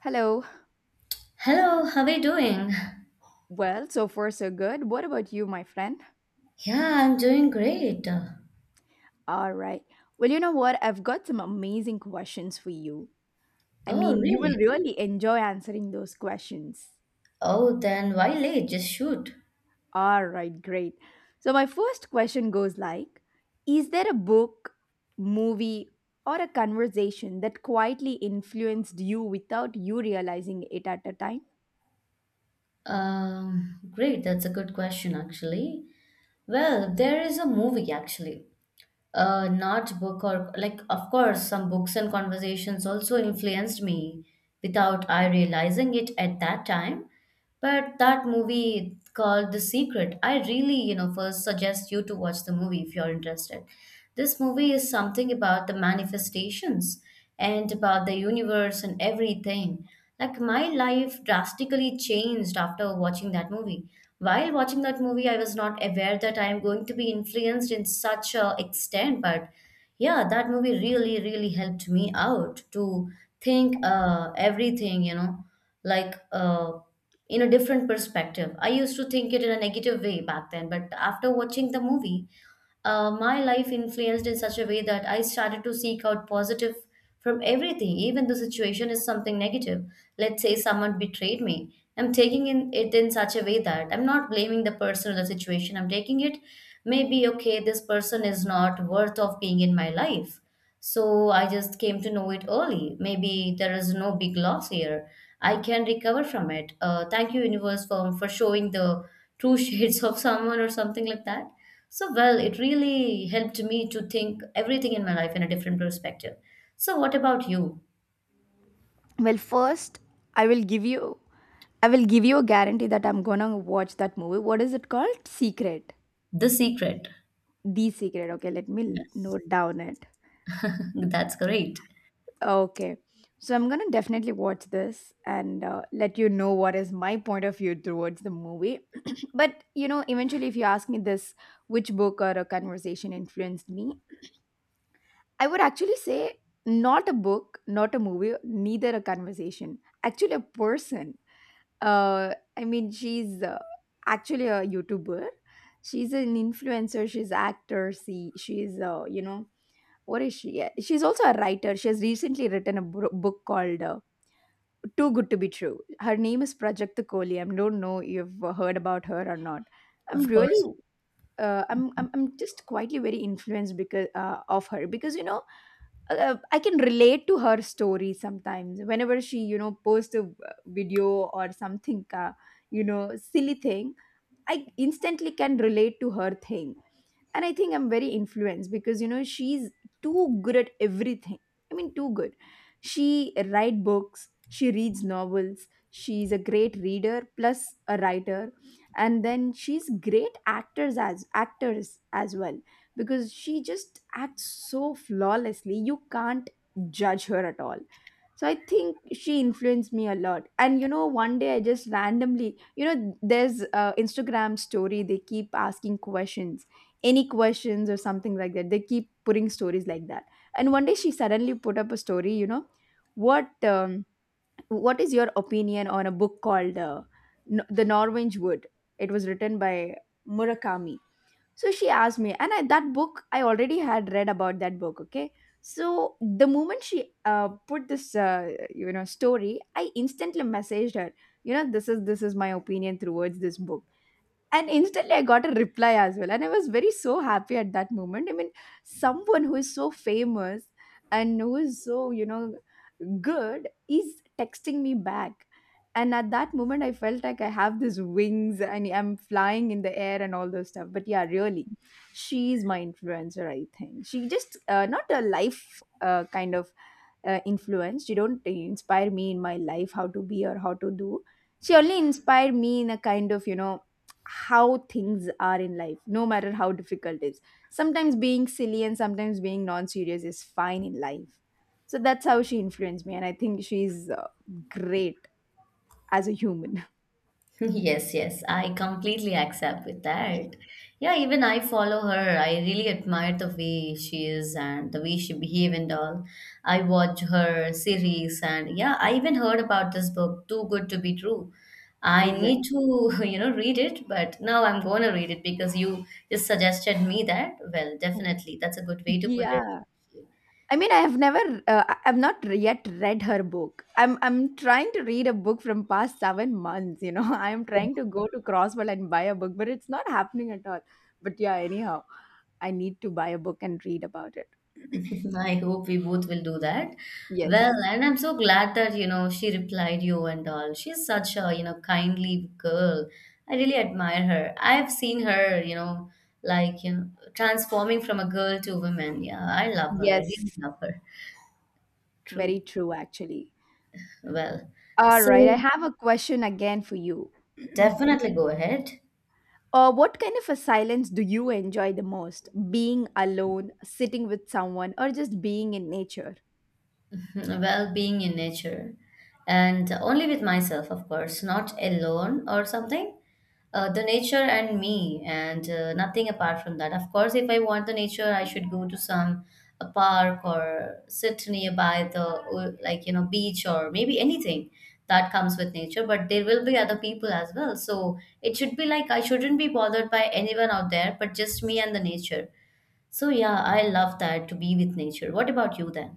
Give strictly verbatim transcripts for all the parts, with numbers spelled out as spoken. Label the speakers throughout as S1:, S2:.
S1: Hello.
S2: Hello, how are you doing?
S1: Well, so far so good. What about you, my friend?
S2: Yeah, I'm doing great.
S1: All right. Well, you know what? I've got some amazing questions for you. I
S2: Oh,
S1: mean, you will
S2: really?
S1: really enjoy answering those questions.
S2: Oh, then why late? Just shoot.
S1: All right, great. So, my first question goes like, is there a book, movie, or a conversation that quietly influenced you without you realizing it at a time?
S2: Um, great, that's a good question actually. Well, there is a movie actually. Uh, not book or like, of course, some books and conversations also influenced me without I realizing it at that time. But that movie called The Secret, I really, you know, first suggest you to watch the movie if you're interested. This movie is something about the manifestations and about the universe and everything. Like my life drastically changed after watching that movie. While watching that movie, I was not aware that I am going to be influenced in such a extent, but yeah, that movie really, really helped me out to think uh, everything, you know, like uh, in a different perspective. I used to think it in a negative way back then, but after watching the movie, uh, my life influenced in such a way that I started to seek out positive from everything, even the situation is something negative. Let's say someone betrayed me. I'm taking in it in such a way that I'm not blaming the person or the situation. I'm taking it maybe okay, this person is not worth of being in my life. So I just came to know it early. Maybe there is no big loss here. I can recover from it. Uh, thank you, universe, for, for showing the true shades of someone or something like that. So, well, it really helped me to think everything in my life in a different perspective. So, what about you?
S1: Well, first, I will give you I will give you a guarantee that I'm going to watch that movie. What is it called? Secret.
S2: The Secret.
S1: The Secret. Okay, let me l-
S2: Yes,
S1: note down it.
S2: that's great.
S1: Okay. So I'm gonna definitely watch this and uh, let you know what is my point of view towards the movie. But you know, eventually, if you ask me this, which book or a conversation influenced me, I would actually say not a book, not a movie, neither a conversation. Actually, a person. Uh, I mean, she's uh, actually a YouTuber. She's an influencer. She's actor. She she's uh, you know, what is she? Yeah, she's also a writer. She has recently written a bro- book called, Uh, too Good to be True. Her name is Prajakta Kohli. I don't know if you've heard about her or not. I'm
S2: Of
S1: really,
S2: course.
S1: uh, I'm, I'm, I'm just quietly very influenced because uh, of her, because you know, uh, I can relate to her story sometimes. Whenever she, you know, posts a uh, video or something, uh, you know, silly thing, I instantly can relate to her thing, and I think I'm very influenced because you know, she's too good at everything. I mean, too good. She write books, she reads novels, she's a great reader plus a writer, and then she's great actors as actors as well, because she just acts so flawlessly you can't judge her at all. So I think she influenced me a lot. And you know, one day I just randomly, you know, there's uh, Instagram story, they keep asking questions, any questions or something like that. They keep putting stories like that. And one day she suddenly put up a story, you know, what um, what is your opinion on a book called uh, N- The Norwich Wood? It was written by Murakami. So she asked me, and I, that book I already had read about that book. Okay, so the moment she uh, put this uh, you know, story, I instantly messaged her. You know, this is this is my opinion towards this book. And instantly I got a reply as well, and I was very so happy at that moment. I mean, someone who is so famous and who is so, you know, good is texting me back, and at that moment I felt like I have these wings and I'm flying in the air and all those stuff. But yeah, really, she is my influencer. I think she just, uh, not a life uh, kind of uh, influence. She don't inspire me in my life how to be or how to do. She only inspired me in a kind of, you know, how things are in life, no matter how difficult it is. Sometimes being silly and sometimes being non-serious is fine in life. So that's how she influenced me, and I think she's uh, great as a human.
S2: Yes, yes, I completely accept with that. Yeah, even I follow her. I really admire the way she is and the way she behave and all. I watch her series and yeah, I even heard about this book, Too Good to Be True. I need
S1: Exactly.
S2: to, you know, read it, but now I'm going to read it because you just suggested me that. Well, definitely, that's a good way to put it.
S1: Yeah. I mean, I have never, uh, I- I've not yet read her book. I'm, I'm trying to read a book from past seven months. You know, I'm trying to go to Crosswell and buy a book, but it's not happening at all. But yeah, anyhow, I need to buy a book and read about it.
S2: I hope we both will do that. Well,
S1: Yes,
S2: and I'm so glad that, you know, she replied you and all. She's such a, you know, kindly girl. I really admire her. I've seen her, you know, like, you know, transforming from a girl to a woman. Yeah, I love her. I really
S1: yes,
S2: love her. True.
S1: very true, actually.
S2: Well,
S1: All right, I
S2: so
S1: have a question again for you.
S2: definitely go ahead.
S1: Uh, what kind of a silence do you enjoy the most? Being alone, sitting with someone, or just being in nature?
S2: Well, being in nature and only with myself, of course. Not alone or something. Uh, the nature and me and uh, nothing apart from that. Of course, if I want the nature, I should go to some a park or sit nearby the uh, like you know beach or maybe anything that comes with nature. But there will be other people as well, so it should be like I shouldn't be bothered by anyone out there, but just me and the nature. So yeah, I love that to be with nature. What about you then?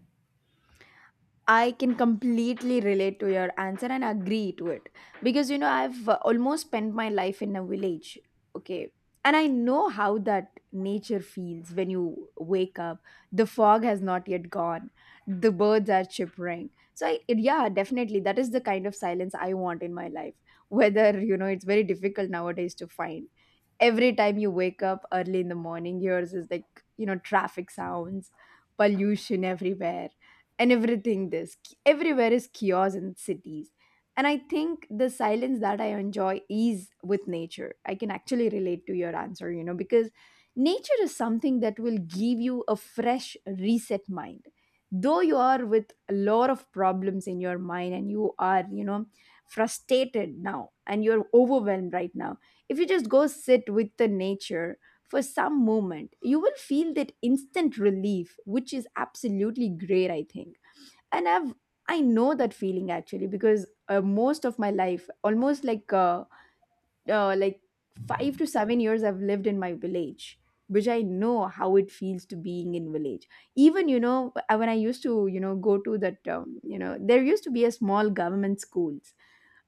S1: I can completely relate to your answer and agree to it, because you know, I've uh, almost spent my life in a village. Okay. And I know how that nature feels when you wake up. The fog has not yet gone. The birds are chirping. So I, yeah, definitely that is the kind of silence I want in my life. Whether you know, it's very difficult nowadays to find. Every time you wake up early in the morning, yours is like, you know, traffic sounds, pollution everywhere, and everything, this, everywhere is chaos in cities. And I think the silence that I enjoy is with nature. I can actually relate to your answer, you know, because nature is something that will give you a fresh reset mind, though you are with a lot of problems in your mind and you are, you know, frustrated now and you're overwhelmed right now. If you just go sit with the nature for some moment, you will feel that instant relief, which is absolutely great, I think. And I've I know that feeling actually, because uh, most of my life, almost like uh, uh, like five to seven years, I've lived in my village, which I know how it feels to being in village. Even you know, uh, when I used to, you know, go to that um, you know, there used to be a small government schools,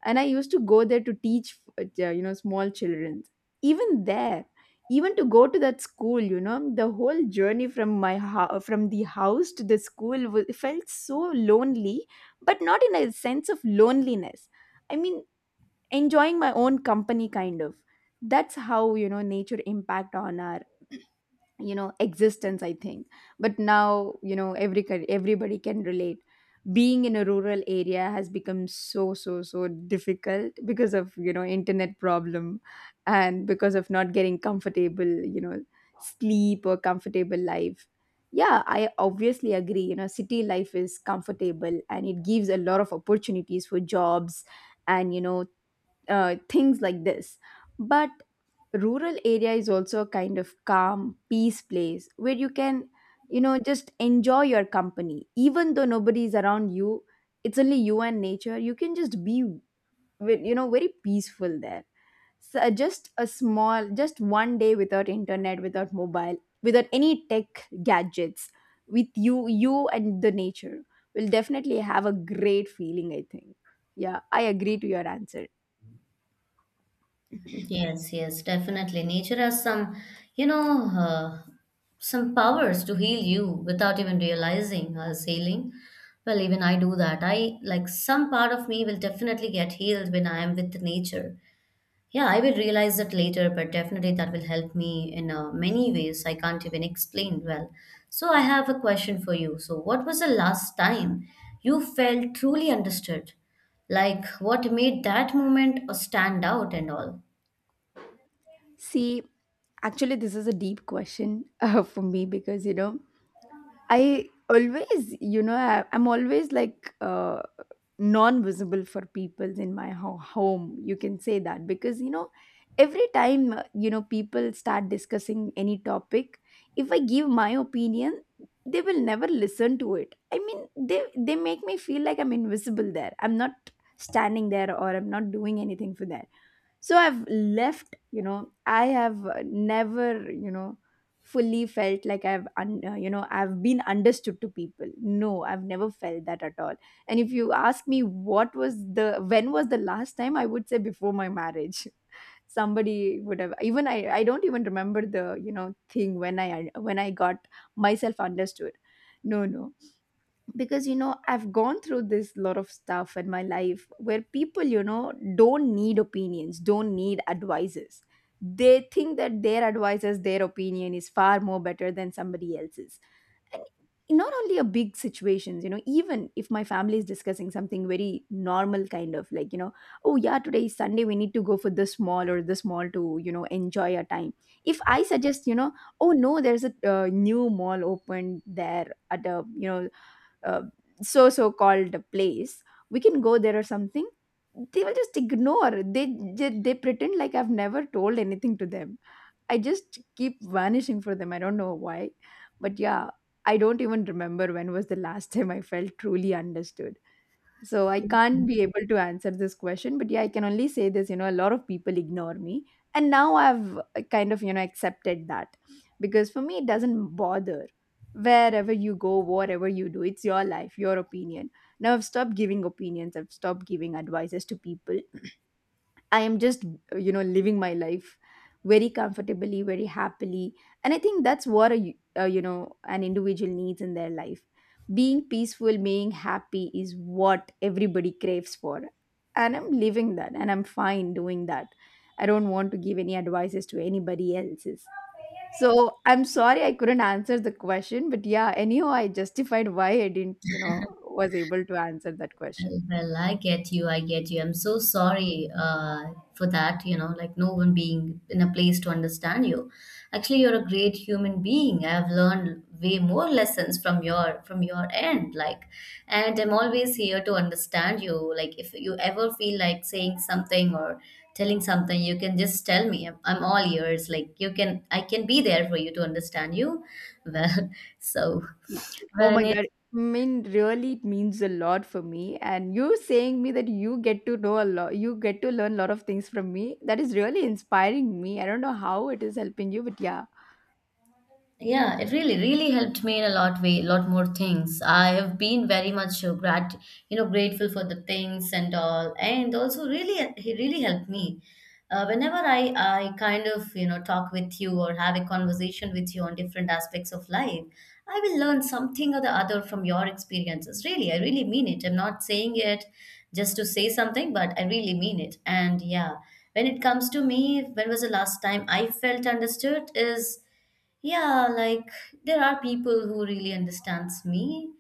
S1: and I used to go there to teach, uh, you know, small children. Even there, even to go to that school, you know, the whole journey from my ho- from the house to the school was, felt so lonely, but not in a sense of loneliness. I mean, enjoying my own company kind of. That's how, you know, nature impact on our, you know, existence, I think. But now you know, every ca- everybody can relate, being in a rural area has become so, so, so difficult because of, you know, internet problem, and because of not getting comfortable, you know, sleep or comfortable life. Yeah, I obviously agree, you know, city life is comfortable and it gives a lot of opportunities for jobs and you know, uh, things like this. But rural area is also a kind of calm, peace place where you can, you know, just enjoy your company. Even though nobody is around you, it's only you and nature. You can just be, with- you know, very peaceful there. So uh, just a small, just one day without internet, without mobile, without any tech gadgets, with you, you and the nature will definitely have a great feeling, I think. Yeah, I agree to your answer.
S2: Yes, yes, definitely. Nature has some, you know, uh, some powers to heal you without even realizing I was healing. Well, even I do that. I like some part of me will definitely get healed when I am with nature. Yeah, I will realize that later, but definitely that will help me in uh, many ways I can't even explain well. So, I have a question for you. So, what was the last time you felt truly understood? Like, what made that moment uh, stand out and all?
S1: See, actually, this is a deep question uh, for me, because, you know, I always, you know, I, I'm always like, uh, non visible for people in my ho- home. You can say that, because, you know, every time, uh, you know, people start discussing any topic, if I give my opinion, they will never listen to it. I mean, they, they make me feel like I'm invisible there. I'm not standing there or I'm not doing anything for them. So I've left, you know, I have uh, never, you know, fully felt like i've un- uh, you know, I've been understood to people. No, I've never felt that at all. And if you ask me what was the when was the last time, I would say before my marriage, somebody would have. Even i i don't even remember the, you know, thing when i when i got myself understood. No, no. Because you know, I've gone through this lot of stuff in my life where people, you know, don't need opinions, don't need advices. They think that their advices, their opinion is far more better than somebody else's. And not only a big situations, you know, even if my family is discussing something very normal kind of, like, you know, oh yeah, today is Sunday, we need to go for this mall or this mall to, you know, enjoy our time. If I suggest, you know, oh no, there's a uh, new mall opened there at a, you know, uh, so so called place, we can go there or something. They will just ignore. They, they they pretend like I've never told anything to them. I just keep vanishing for them. I don't know why. But yeah, I don't even remember when was the last time I felt truly understood. So I can't be able to answer this question, but yeah, I can only say this, you know, a lot of people ignore me. And now I've uh, kind of, you know, accepted that, because for me, it doesn't bother. Wherever you go, whatever you do, it's your life, your opinion. Now I've stopped giving opinions, I've stopped giving advices to people. I am just, you know, living my life very comfortably, very happily. And I think that's what a, uh, you know, an individual needs in their life. Being peaceful, being happy is what everybody craves for. And I'm living that and I'm fine doing that. I don't want to give any advices to anybody else's. So I'm sorry I couldn't answer the question, but yeah, anyhow, I justified why I didn't, you know, was able to answer that
S2: Well,
S1: question.
S2: well, I get you. I get you. I'm so sorry uh, for that, you know, like no one being in a place to understand you. Actually, you're a great human being. I've learned way more lessons from your from your end, like, and I'm always here to understand you. Like, if you ever feel like saying something or telling something, you can just tell me. I'm, I'm all ears. Like, you can, I can be there for you to understand you. Well, so
S1: Oh
S2: when
S1: my
S2: it
S1: God. I mean, really, it means a lot for me. And you saying me that you get to know a lot, you get to learn a lot of things from me, that is really inspiring me. I don't know how it is helping you, but yeah.
S2: Yeah, it really, really helped me in a lot way, lot more things. I have been very much uh, grat, you know, grateful for the things and all, and also really, uh, he really helped me. Uh, whenever I, I kind of, you know, talk with you or have a conversation with you on different aspects of life, I will learn something or the other from your experiences. Really, I really mean it. I'm not saying it just to say something, but I really mean it. And yeah, when it comes to me, when was the last time I felt understood is yeah, like there are people who really understands me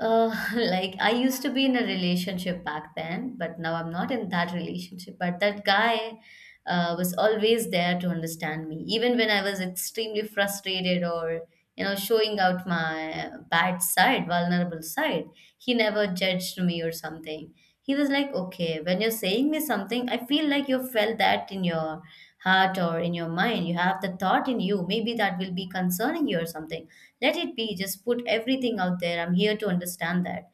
S2: uh, like I used to be in a relationship back then, but now I'm not in that relationship. But that guy uh, was always there to understand me, even when I was extremely frustrated or you know showing out my bad side, vulnerable side. He never judged me or something. He was like, "Okay, when you're saying me something, I feel like you felt that in your heart or in your mind. You have the thought in you. Maybe that will be concerning you or something." Let it be, just put everything out there. I'm here to understand that.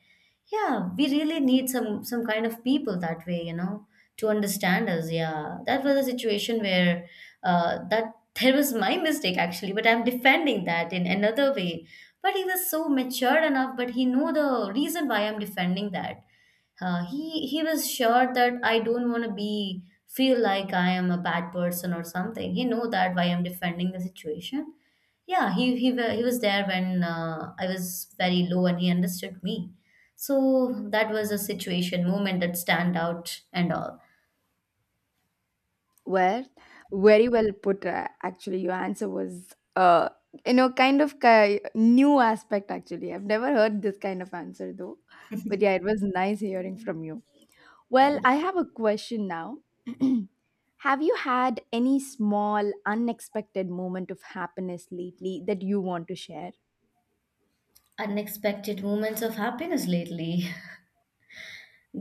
S2: Yeah, we really need some some kind of people that way, you know, to understand us. Yeah, that was a situation where uh, that there was my mistake actually, but I'm defending that in another way, but he was so mature enough, but he knew the reason why I'm defending that. Uh, he he was sure that I don't want to be feel like I am a bad person or something. He know that why I'm defending the situation. Yeah, he he wa- he was there when uh, I was very low, and he understood me. So that was a situation, moment that stand out, and all.
S1: Well, very well put. Uh, actually, your answer was, uh, you know, kind of ki new aspect, actually. I've never heard this kind of answer though. But yeah, it was nice hearing from you. Well,
S2: Like
S1: I have a question now. Have you had any small, unexpected moment of happiness lately that you want to share?
S2: unexpected moments of happiness lately.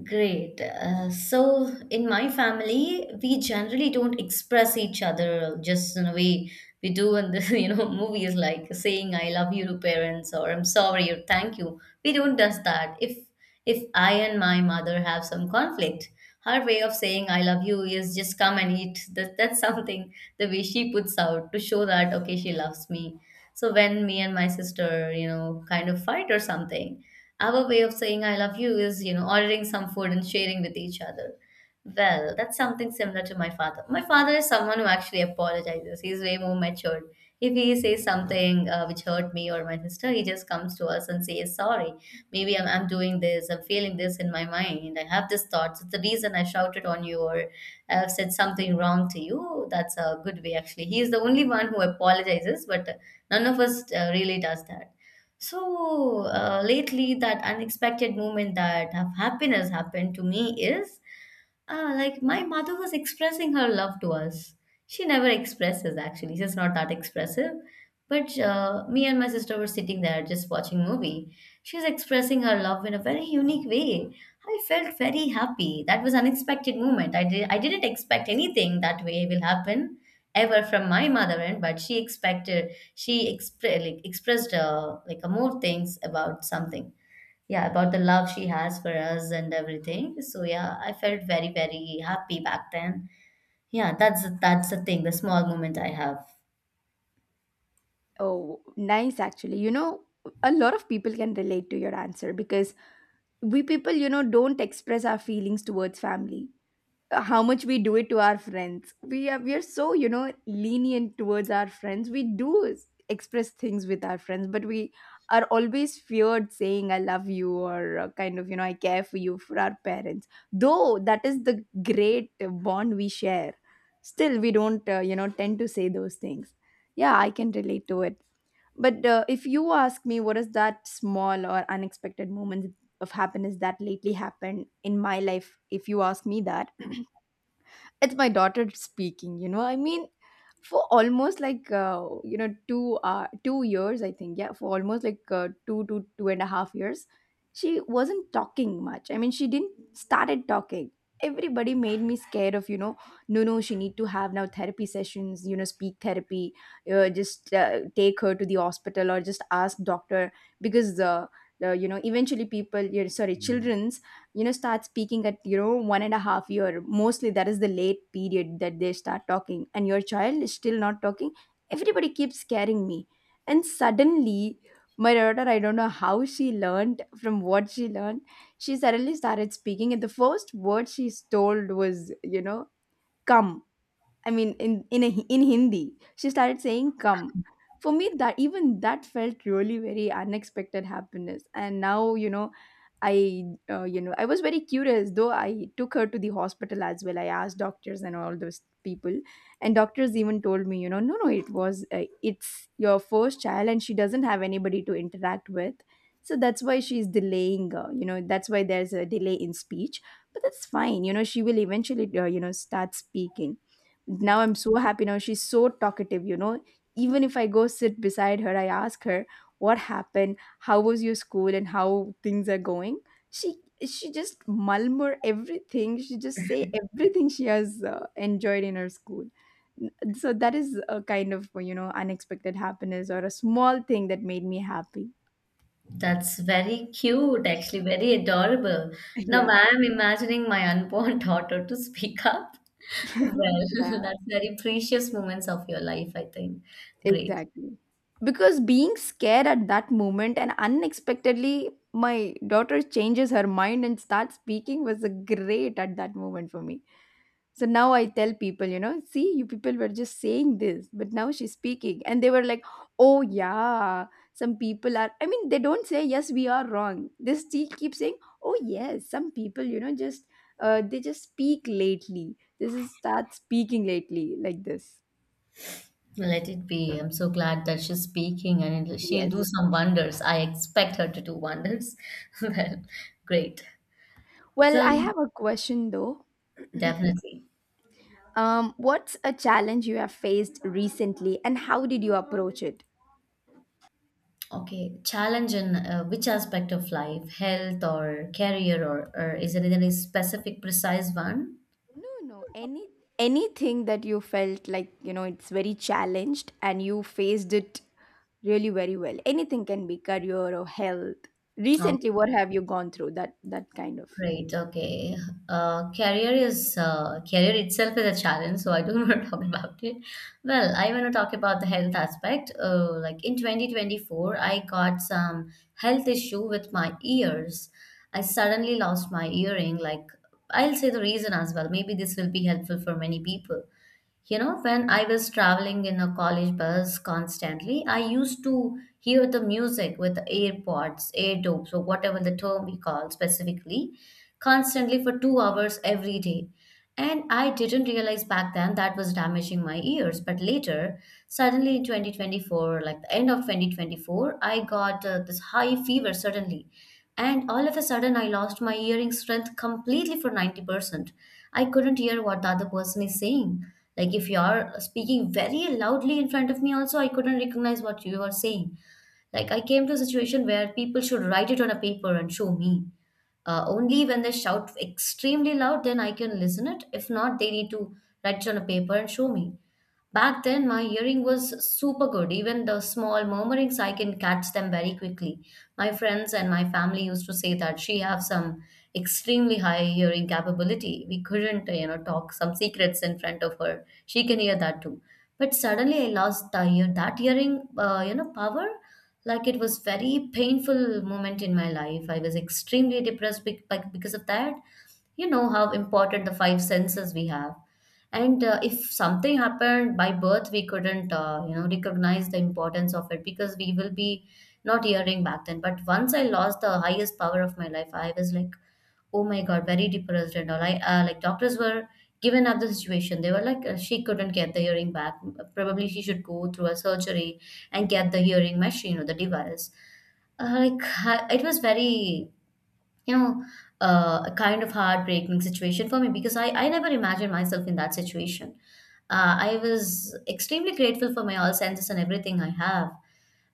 S2: Great. Uh, so in my family, we generally don't express each other just in a way we do in the you know movies like saying "I love you" to parents or "I'm sorry" or "Thank you." We don't does that. If if I and my mother have some conflict, her way of saying "I love you" is just come and eat. That that's something, the way she puts out to show that okay she loves me. So when me and my sister you know kind of fight or something, our way of saying I love you is, you know, ordering some food and sharing with each other. Well, that's something similar to my father. My father is someone who actually apologizes. He's way more matured. If he says something uh, which hurt me or my sister, he just comes to us and says, Sorry, maybe I'm, I'm doing this, I'm feeling this in my mind, I have this thought. So the reason I shouted on you or I've said something wrong to you, that's a good way actually. He is the only one who apologizes, but uh, none of us uh, really does that. So uh, lately, that unexpected moment that of happiness happened to me is Ah, like my mother was expressing her love to us. She never expresses actually. She's not that expressive. But uh, me and my sister were sitting there just watching movie. She was expressing her love in a very unique way. I felt very happy. That was unexpected moment. I did I didn't expect anything that way will happen ever from my mother end, but she expected she expre- like, expressed uh, like uh, more things about something. Yeah, about the love she has for us and everything. So yeah, I felt very very happy back then. Yeah, that's that's the thing, the small moment I have.
S1: Oh, nice actually. You know, a lot of people can relate to your answer because we people, you know, don't express our feelings towards family. How much we do it to our friends, we are we are so, you know, lenient towards our friends. We do s- express things with our friends, but we are always feared saying I love you, or uh, kind of, you know, I care for you for our parents. Though that is the great uh, bond we share, still we don't, uh, you know, tend to say those things. Yeah, I can relate to it. But uh, if you ask me what is that small or unexpected moment of happiness that lately happened in my life, if you ask me that, it's my daughter speaking, you know. I mean, for almost like, uh, you know, two uh, two years, I think. Yeah, for almost like uh, two to two and a half years, she wasn't talking much. I mean, she didn't started talking. Everybody made me scared of, you know, no, no, she need to have now therapy sessions, you know, speak therapy, uh, just uh, take her to the hospital or just ask doctor. Because uh, uh, you know, eventually people, you sorry. Mm. Children's, you know, start speaking at, you know, one and a half year mostly. That is the late period that they start talking, and your child is still not talking. Everybody keeps scaring me, and suddenly my daughter, I don't know how she learned, from what she learned, she suddenly started speaking, and the first word she told was, you know, come. I mean, in in a, in Hindi, she started saying "come." For me, that, even that felt really very unexpected happiness. And now, you know, I, uh, you know I was very curious. Though I took her to the hospital as well, I asked doctors and all those people, and doctors even told me, you know, no, no, it was uh, it's your first child, and she doesn't have anybody to interact with. So that's why she's delaying. Uh, you know, that's why there's a delay in speech. But that's fine. You know, she will eventually, uh, you know, start speaking. Now I'm so happy. Now she's so talkative, you know. Even if I go sit beside her, I ask her what happened, how was your school, and how things are going. She she just murmur everything. She just say everything she has uh, enjoyed in her school. N- So that is a kind of, you know, unexpected happiness, or a small thing that made me happy.
S2: That's very cute actually, very adorable. Now
S1: Yeah.
S2: I'm imagining my unborn daughter to speak up. Well,
S1: Yeah.
S2: that's very precious moments of your life, I think. Great.
S1: Exactly. Because being scared at that moment and unexpectedly, my daughter changes her mind and starts speaking was a great at that moment for me. So now I tell people, you know, see, you people were just saying this, but now she's speaking. And they were like, oh, yeah, some people are, I mean, they don't say, yes, we are wrong. They still keep saying, oh, yes, some people, you know, just, uh, they just speak lately. This is start speaking lately like this.
S2: Let it be. I'm so glad that she's speaking and it'll- she'll
S1: Yes.
S2: do some wonders. I expect her to do wonders. Well, great,
S1: Well,
S2: so
S1: I have a question though.
S2: definitely
S1: Um, what's a challenge you have faced recently and how did you approach it?
S2: Okay, challenge in uh, which aspect of life, health or career, or, or is there any specific, precise one?
S1: No, no, any anything that you felt like, you know, it's very challenged and you faced it really very well. Anything can be career or health. Recently,
S2: Okay,
S1: what have you gone through that that kind of
S2: great. Okay, uh, career is uh, career itself is a challenge, so I don't want to talk about it. Well, I want to talk about the health aspect. Uh, like in twenty twenty-four, I got some health issue with my ears. I suddenly lost my earring. Like I'll say the reason as well. Maybe this will be helpful for many people. You know, when I was traveling in a college bus constantly, I used to hear the music with AirPods, AirDops, or whatever the term we call specifically, constantly for two hours every day. And I didn't realize back then that was damaging my ears. But later, suddenly in twenty twenty-four, like the end of two thousand twenty-four, I got uh, this high fever suddenly and all of a sudden, I lost my hearing strength completely for ninety percent. I couldn't hear what the other person is saying. Like, if you are speaking very loudly in front of me, also, I couldn't recognize what you are saying. Like, I came to a situation where people should write it on a paper and show me uh, only when they shout extremely loud, then I can listen it. If not, they need to write it on a paper and show me. Back then my hearing was super good. Even the small murmurings I can catch them very quickly. My friends and my family used to say that she have some extremely high hearing capability. We couldn't, you know, talk some secrets in front of her, she can hear that too. But suddenly I lost the ear, that hearing uh, you know power. Like, it was very painful moment in my life. I was extremely depressed bec- bec- because of that. You know how important the five senses we have. And uh, if something happened by birth, we couldn't, uh, you know, recognize the importance of it, because we will be not hearing back then. But once I lost the highest power of my life, I was like, oh my God, very depressed and all. I uh, like doctors were given up the situation. They were like, uh, she couldn't get the hearing back. Probably she should go through a surgery and get the hearing machine or the device. Uh, like I- it was very, you know, uh, a kind of heartbreaking situation for me, because I I never imagined myself in that situation. Uh, I was extremely grateful for my all senses and everything I have.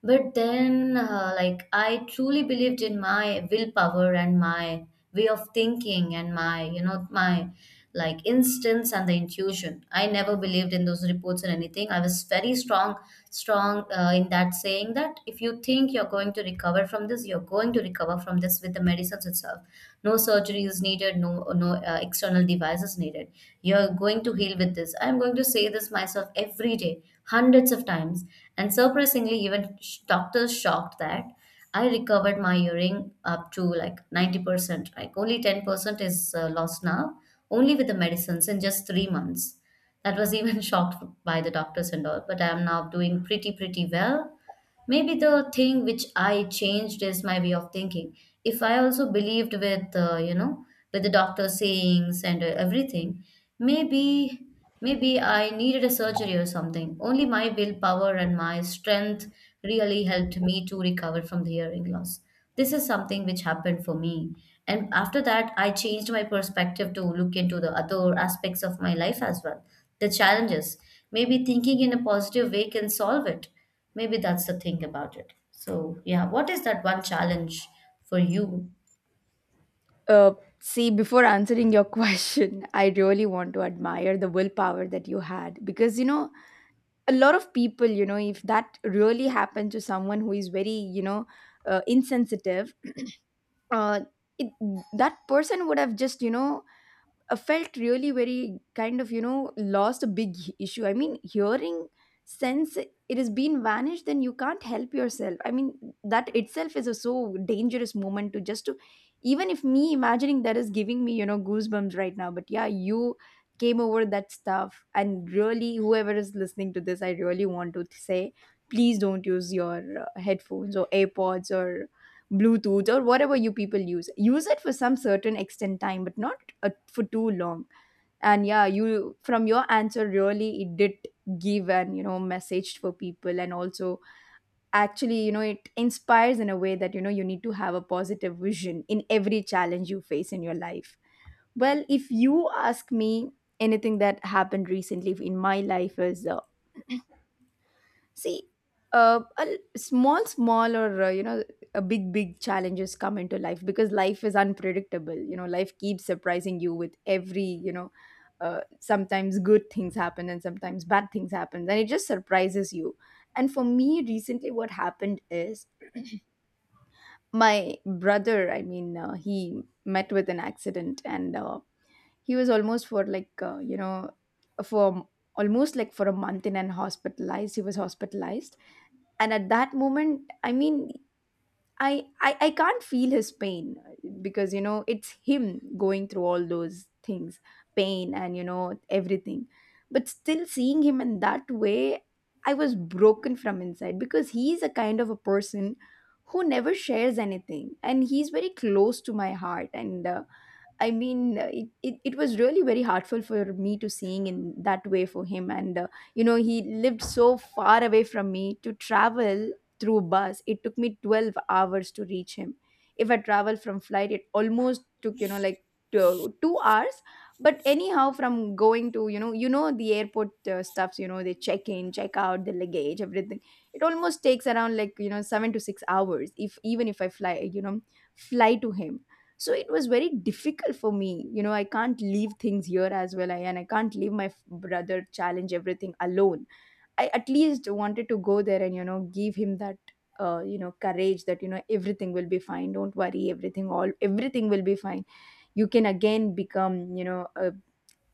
S2: But then, uh, like, I truly believed in my willpower and my way of thinking and my, you know, my like instincts and the intuition. I never believed in those reports or anything. I was very strong, strong uh, in that saying that if you think you're going to recover from this, you're going to recover from this with the medicines itself. No surgery is needed, no, no uh, external device is needed. You're going to heal with this. I'm going to say this myself every day hundreds of times. And surprisingly, even sh- doctors shocked that I recovered my hearing up to like ninety percent, like only ten percent is uh, lost now, only with the medicines in just three months. That was even shocked by the doctors and all. But I am now doing pretty pretty well. Maybe the thing which I changed is my way of thinking. If I also believed with, uh, you know, with the doctor's sayings and uh, everything, maybe, maybe I needed a surgery or something. Only my willpower and my strength really helped me to recover from the hearing loss. This is something which happened for me. And after that, I changed my perspective to look into the other aspects of my life as well. The challenges. Maybe thinking in a positive way can solve it. Maybe that's the thing about it. So, yeah, what is that one challenge for you?
S1: uh, see, before answering your question, I really want to admire the willpower that you had, because, you know, a lot of people, you know, if that really happened to someone who is very, you know, uh, insensitive, uh, it, that person would have just, you know, I felt really very kind of, you know, lost. A big issue, I mean, hearing sense, it has been vanished, then you can't help yourself. I mean, that itself is a so dangerous moment to just to, even if me imagining that is giving me, you know, goosebumps right now. But yeah, you came over that stuff, and really, whoever is listening to this, I really want to say, please don't use your uh, headphones or airpods or bluetooth, or whatever you people use. Use it for some certain extent time, but not uh, for too long. And yeah, you, from your answer, really, it did give an, you know, message for people, and also, actually, you know, it inspires in a way that, you know, you need to have a positive vision in every challenge you face in your life. Well, if you ask me, anything that happened recently in my life is uh, see, uh, a l- small, small, or, uh, you know, a big, big challenges come into life, because life is unpredictable. You know, life keeps surprising you with every, you know, uh, sometimes good things happen and sometimes bad things happen, and it just surprises you. And for me, recently, what happened is my brother. I mean, uh, he met with an accident, and uh, he was almost for like, uh, you know, for almost like for a month in an hospitalized. He was hospitalized, and at that moment, I mean, I, I i can't feel his pain, because, you know, it's him going through all those things, pain and, you know, everything. But still, seeing him in that way, I was broken from inside, because he's a kind of a person who never shares anything, and he's very close to my heart. And uh, I mean, uh, it, it, it was really very heartful for me to seeing in that way for him. And, uh, you know, he lived so far away from me. To travel through bus, it took me twelve hours to reach him. If I travel from flight, it almost took, you know, like two, two hours. But anyhow, from going to, you know, you know, the airport uh, stuffs, you know, they check in, check out, the luggage, everything. It almost takes around like, you know, seven to six hours, if even if I fly, you know, fly to him. So it was very difficult for me. You know, I can't leave things here as well, I, and I can't leave my f- brother challenge everything alone. I at least wanted to go there and, you know, give him that uh, you know, courage that, you know, everything will be fine, don't worry, everything, all everything will be fine, you can again become, you know, uh,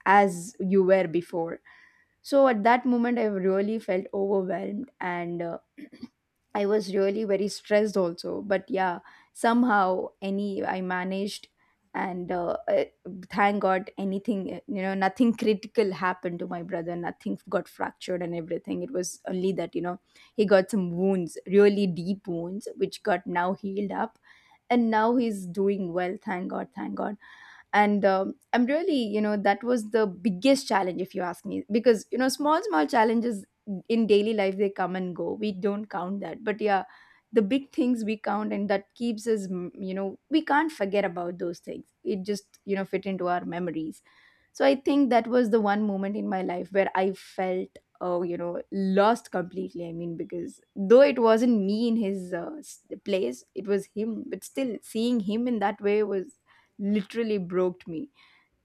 S1: as you were before. So at that moment, I really felt overwhelmed, and uh, I was really very stressed also. But yeah, somehow any I managed, and uh, uh, thank God, anything, uh, you know, nothing critical happened to my brother. Nothing got fractured and everything. It was only that, you know, he got some wounds, really deep wounds, which got now healed up, and now he's doing well. Thank God, thank God. And um, I'm, really you know that was the biggest challenge, if you ask me, because, you know, small small challenges in daily life, they come and go, we don't count that. But yeah, the big things we count, and that keeps us mm, you know, we can't forget about those things. It just, you know, fit into our memories. So I think that was the one moment in my life where I felt, oh, you know, lost completely. I mean, because though it wasn't me in his uh, s- place, it was him, but still seeing him in that way was literally broke me.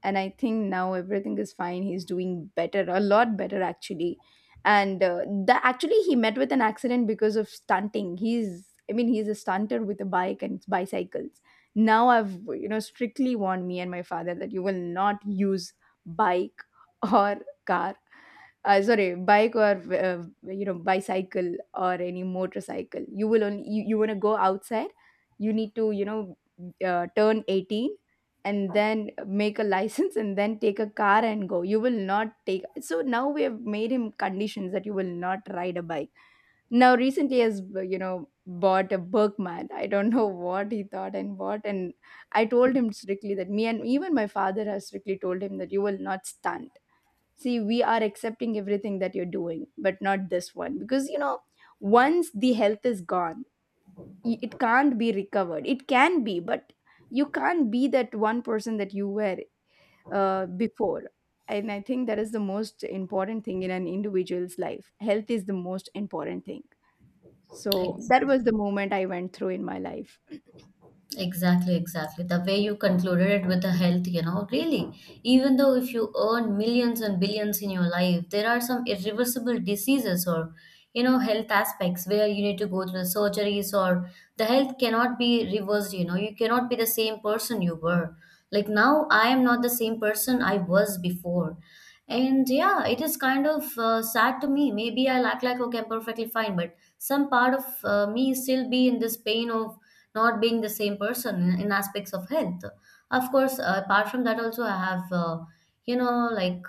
S1: And I think now everything is fine. He's doing better, a lot better actually. And uh, that actually he met with an accident because of stunting. He's, I mean, he's a stunter with a bike and bicycles. Now I've, you know, strictly warned me and my father that you will not use bike or car, uh, sorry, bike or uh, you know, bicycle or any motorcycle. You will only, you, you want to go outside, you need to, you know, uh, turn eighteen and then make a license and then take a car and go. You will not take. So now we have made him conditions that you will not ride a bike. Now recently has, you know, bought a berkman, I don't know what he thought, and bought. And I told him strictly that me and even my father has strictly told him that you will not stunt. See, we are accepting everything that you're doing, but not this one, because, you know, once the health is gone, i- it can't be recovered. It can be, but you can't be that one person that you were uh, before. And I think that is the most important thing in an individual's life. Health is the most important thing. So that was
S2: Exactly.
S1: the moment I went through in my life.
S2: Exactly, exactly. The way you concluded it with the health, you know, really, even though if you earn millions and billions in your life, there are some irreversible diseases or, you know, health aspects where you need to go through the surgeries or the health cannot be reversed, you know, you cannot be the same person you were. Like now, I am not the same person I was before. And yeah, it is kind of uh, sad to me. Maybe I'll act like, okay, I'm perfectly fine, but some part of uh, me still be in this pain of not being the same person in, in aspects of health. Of course, uh, apart from that, also, I have, uh, you know, like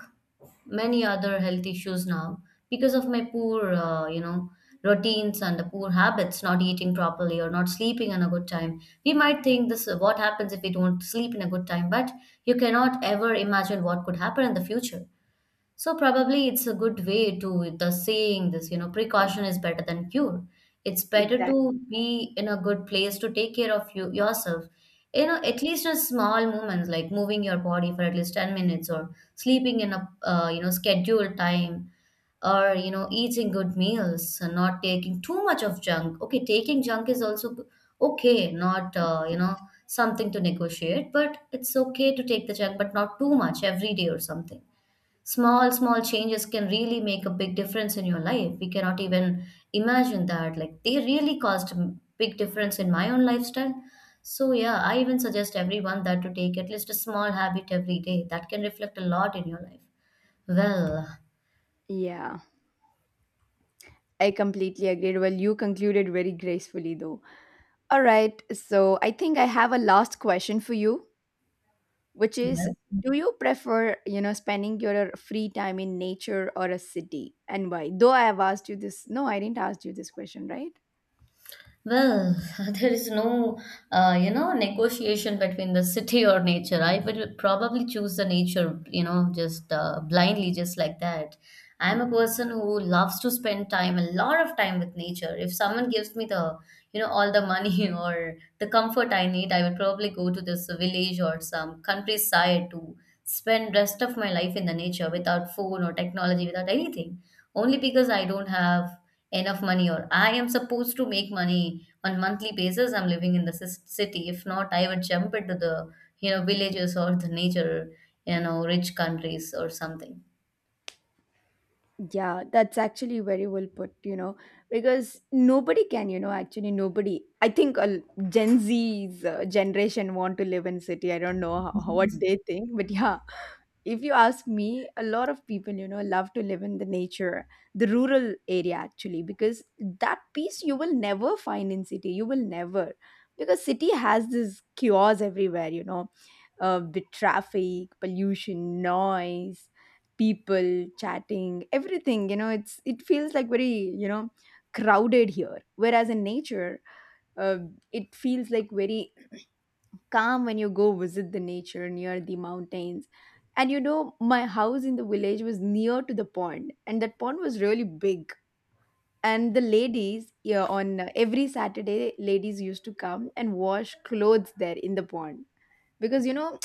S2: many other health issues now because of my poor, uh, you know, routines and the poor habits, not eating properly or not sleeping on a good time. We might think this what happens if we don't sleep in a good time, but you cannot ever imagine what could happen in the future. So probably it's a good way to the saying this, you know, precaution is better than cure. It's better to
S1: Exactly.
S2: be in a good place to take care of you yourself. You know, at least in small moments like moving your body for at least ten minutes or sleeping in a uh, you know scheduled time, or you know, eating good meals and not taking too much of junk. Okay, taking junk is also g- okay, not uh, you know, something to negotiate, but it's okay to take the junk, but not too much every day or something. Small small changes can really make a big difference in your life. We cannot even imagine that, like they really caused a big difference in my own lifestyle. So yeah, I even suggest everyone that to take at least a small habit every day that can reflect a lot in your life. well,
S1: Yeah, I completely agreed. Well, you concluded very gracefully, though. All right. So I think I have a last question for you, which is,
S2: well
S1: do you prefer, you know, spending your free time in nature or a city, and why? Though I have asked you this. No, I didn't ask you this question, right?
S2: Well, there is no, uh, you know, negotiation between the city or nature. I would probably choose the nature, you know, just uh, blindly, just like that. I'm a person who loves to spend time, a lot of time with nature. If someone gives me the, you know, all the money or the comfort I need, I would probably go to this village or some countryside to spend rest of my life in the nature without phone or technology, without anything. Only because I don't have enough money, or I am supposed to make money on monthly basis, I'm living in the cis- city. If not, I would jump into the, you know, villages or the nature, you know, rich countries or something.
S1: Yeah, that's actually very well put, you know, because nobody can, you know, actually nobody. I think uh, Gen Z's uh, generation want to live in city. I don't know how, what they think, but yeah, if you ask me, a lot of people, you know, love to live in the nature, the rural area actually, because that peace you will never find in city. You will never, because city has this chaos everywhere, you know, uh, the traffic, pollution, noise, people chatting, everything, you know, it's, it feels like very, you know, crowded here. Whereas in nature, uh, it feels like very calm when you go visit the nature near the mountains. And you know, my house in the village was near to the pond, and that pond was really big. And the ladies, yeah, on uh, every Saturday, ladies used to come and wash clothes there in the pond. Because, you know,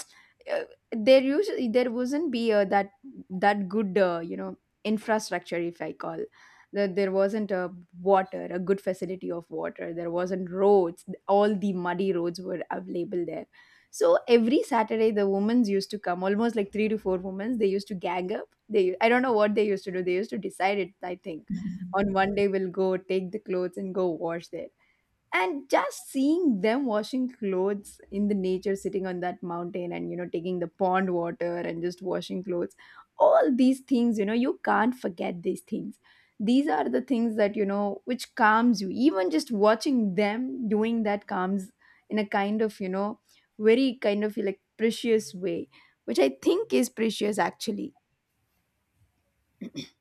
S1: uh, there usually, there wasn't be uh, that that good uh, you know, infrastructure, if I call that. There wasn't a water, a good facility of water. There wasn't roads, all the muddy roads were available there. So every Saturday the women used to come, almost like three to four women. They used to gang up. They, I don't know what they used to do. They used to decide it, I think, on one day we'll go take the clothes and go wash there. And just seeing them washing clothes in the nature, sitting on that mountain, and you know, taking the pond water and just washing clothes, all these things, you know, you can't forget these things. These are the things that, you know, which calms you. Even just watching them doing that calms in a kind of, you know, very kind of like precious way, which I think is precious actually.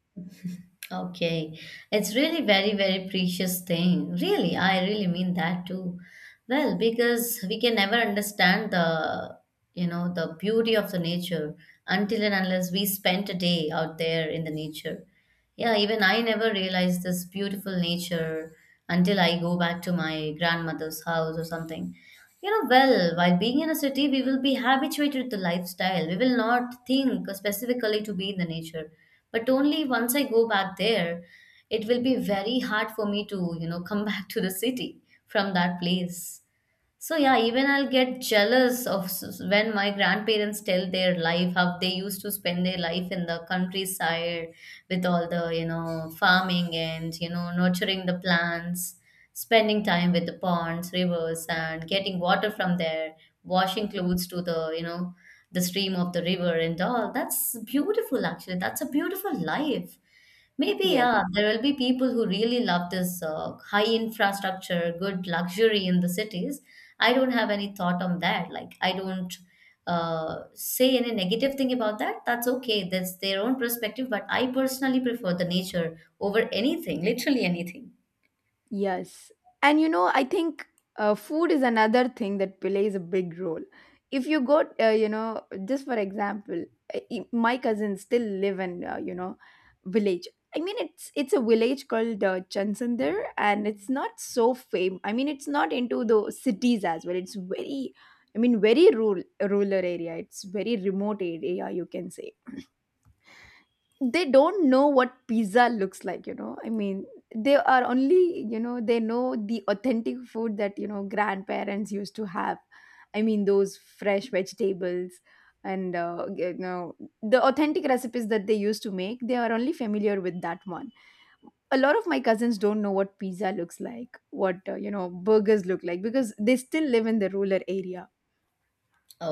S2: Okay, it's really very, very precious thing. Really, I really mean that too. Well, because we can never understand the, you know, the beauty of the nature until and unless we spent a day out there in the nature. Yeah, even I never realized this beautiful nature until I go back to my grandmother's house or something. You know, well, while being in a city, we will be habituated to the lifestyle. We will not think specifically to be in the nature. But only once I go back there, it will be very hard for me to, you know, come back to the city from that place. So yeah, even I'll get jealous of s- s- when my grandparents tell their life, how they used to spend their life in the countryside with all the, you know, farming and, you know, nurturing the plants, spending time with the ponds, rivers, and getting water from there, washing clothes to the, you know, the stream of the river and all. That's beautiful, actually. That's a beautiful life. Maybe,
S1: Yes.
S2: yeah, there will be people who really love this uh, high infrastructure, good luxury in the cities. I don't have any thought on that. Like, I don't uh, say any negative thing about that. That's okay. That's their own perspective. But I personally prefer the nature over anything, literally anything.
S1: Yes. And you know, I think uh, food is another thing that plays a big role. If you go, uh, you know, just for example, uh, i- my cousins still live in, uh, you know, village. I mean, it's it's a village called uh, Chansandar, and it's not so fame. I mean, it's not into the cities as well. It's very, I mean, very rural rural area. It's very remote area, you can say. They don't know what pizza looks like, you know, I mean, they are only, you know, they know the authentic food that, you know, grandparents used to have. I mean, those fresh vegetables, and uh, you know, the authentic recipes that they used to make, they are only familiar with that one. A lot of my cousins don't know what pizza looks like, what uh, you know, burgers look like, because they still live in the rural area.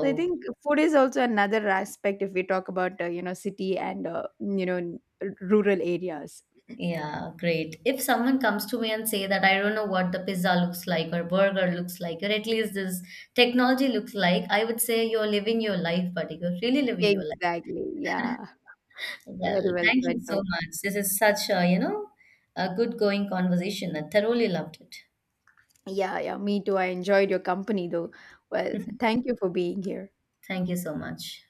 S1: So I think food is also another aspect if we talk about uh, you know, city and uh, you know n- r- rural areas.
S2: yeah, great. If someone comes to me and say that I don't know what the pizza looks like or burger looks like, or at least this technology looks like, I would say you're living your life, buddy. You're really living your life.
S1: Exactly. Yeah. Very
S2: Well,
S1: well
S2: thank you
S1: said
S2: so
S1: though.
S2: much. This is such a, you know, a good going conversation. I thoroughly loved
S1: Yeah, yeah. Me too. I enjoyed your company though. Well,
S2: it.
S1: thank you for being here.
S2: Thank you so much.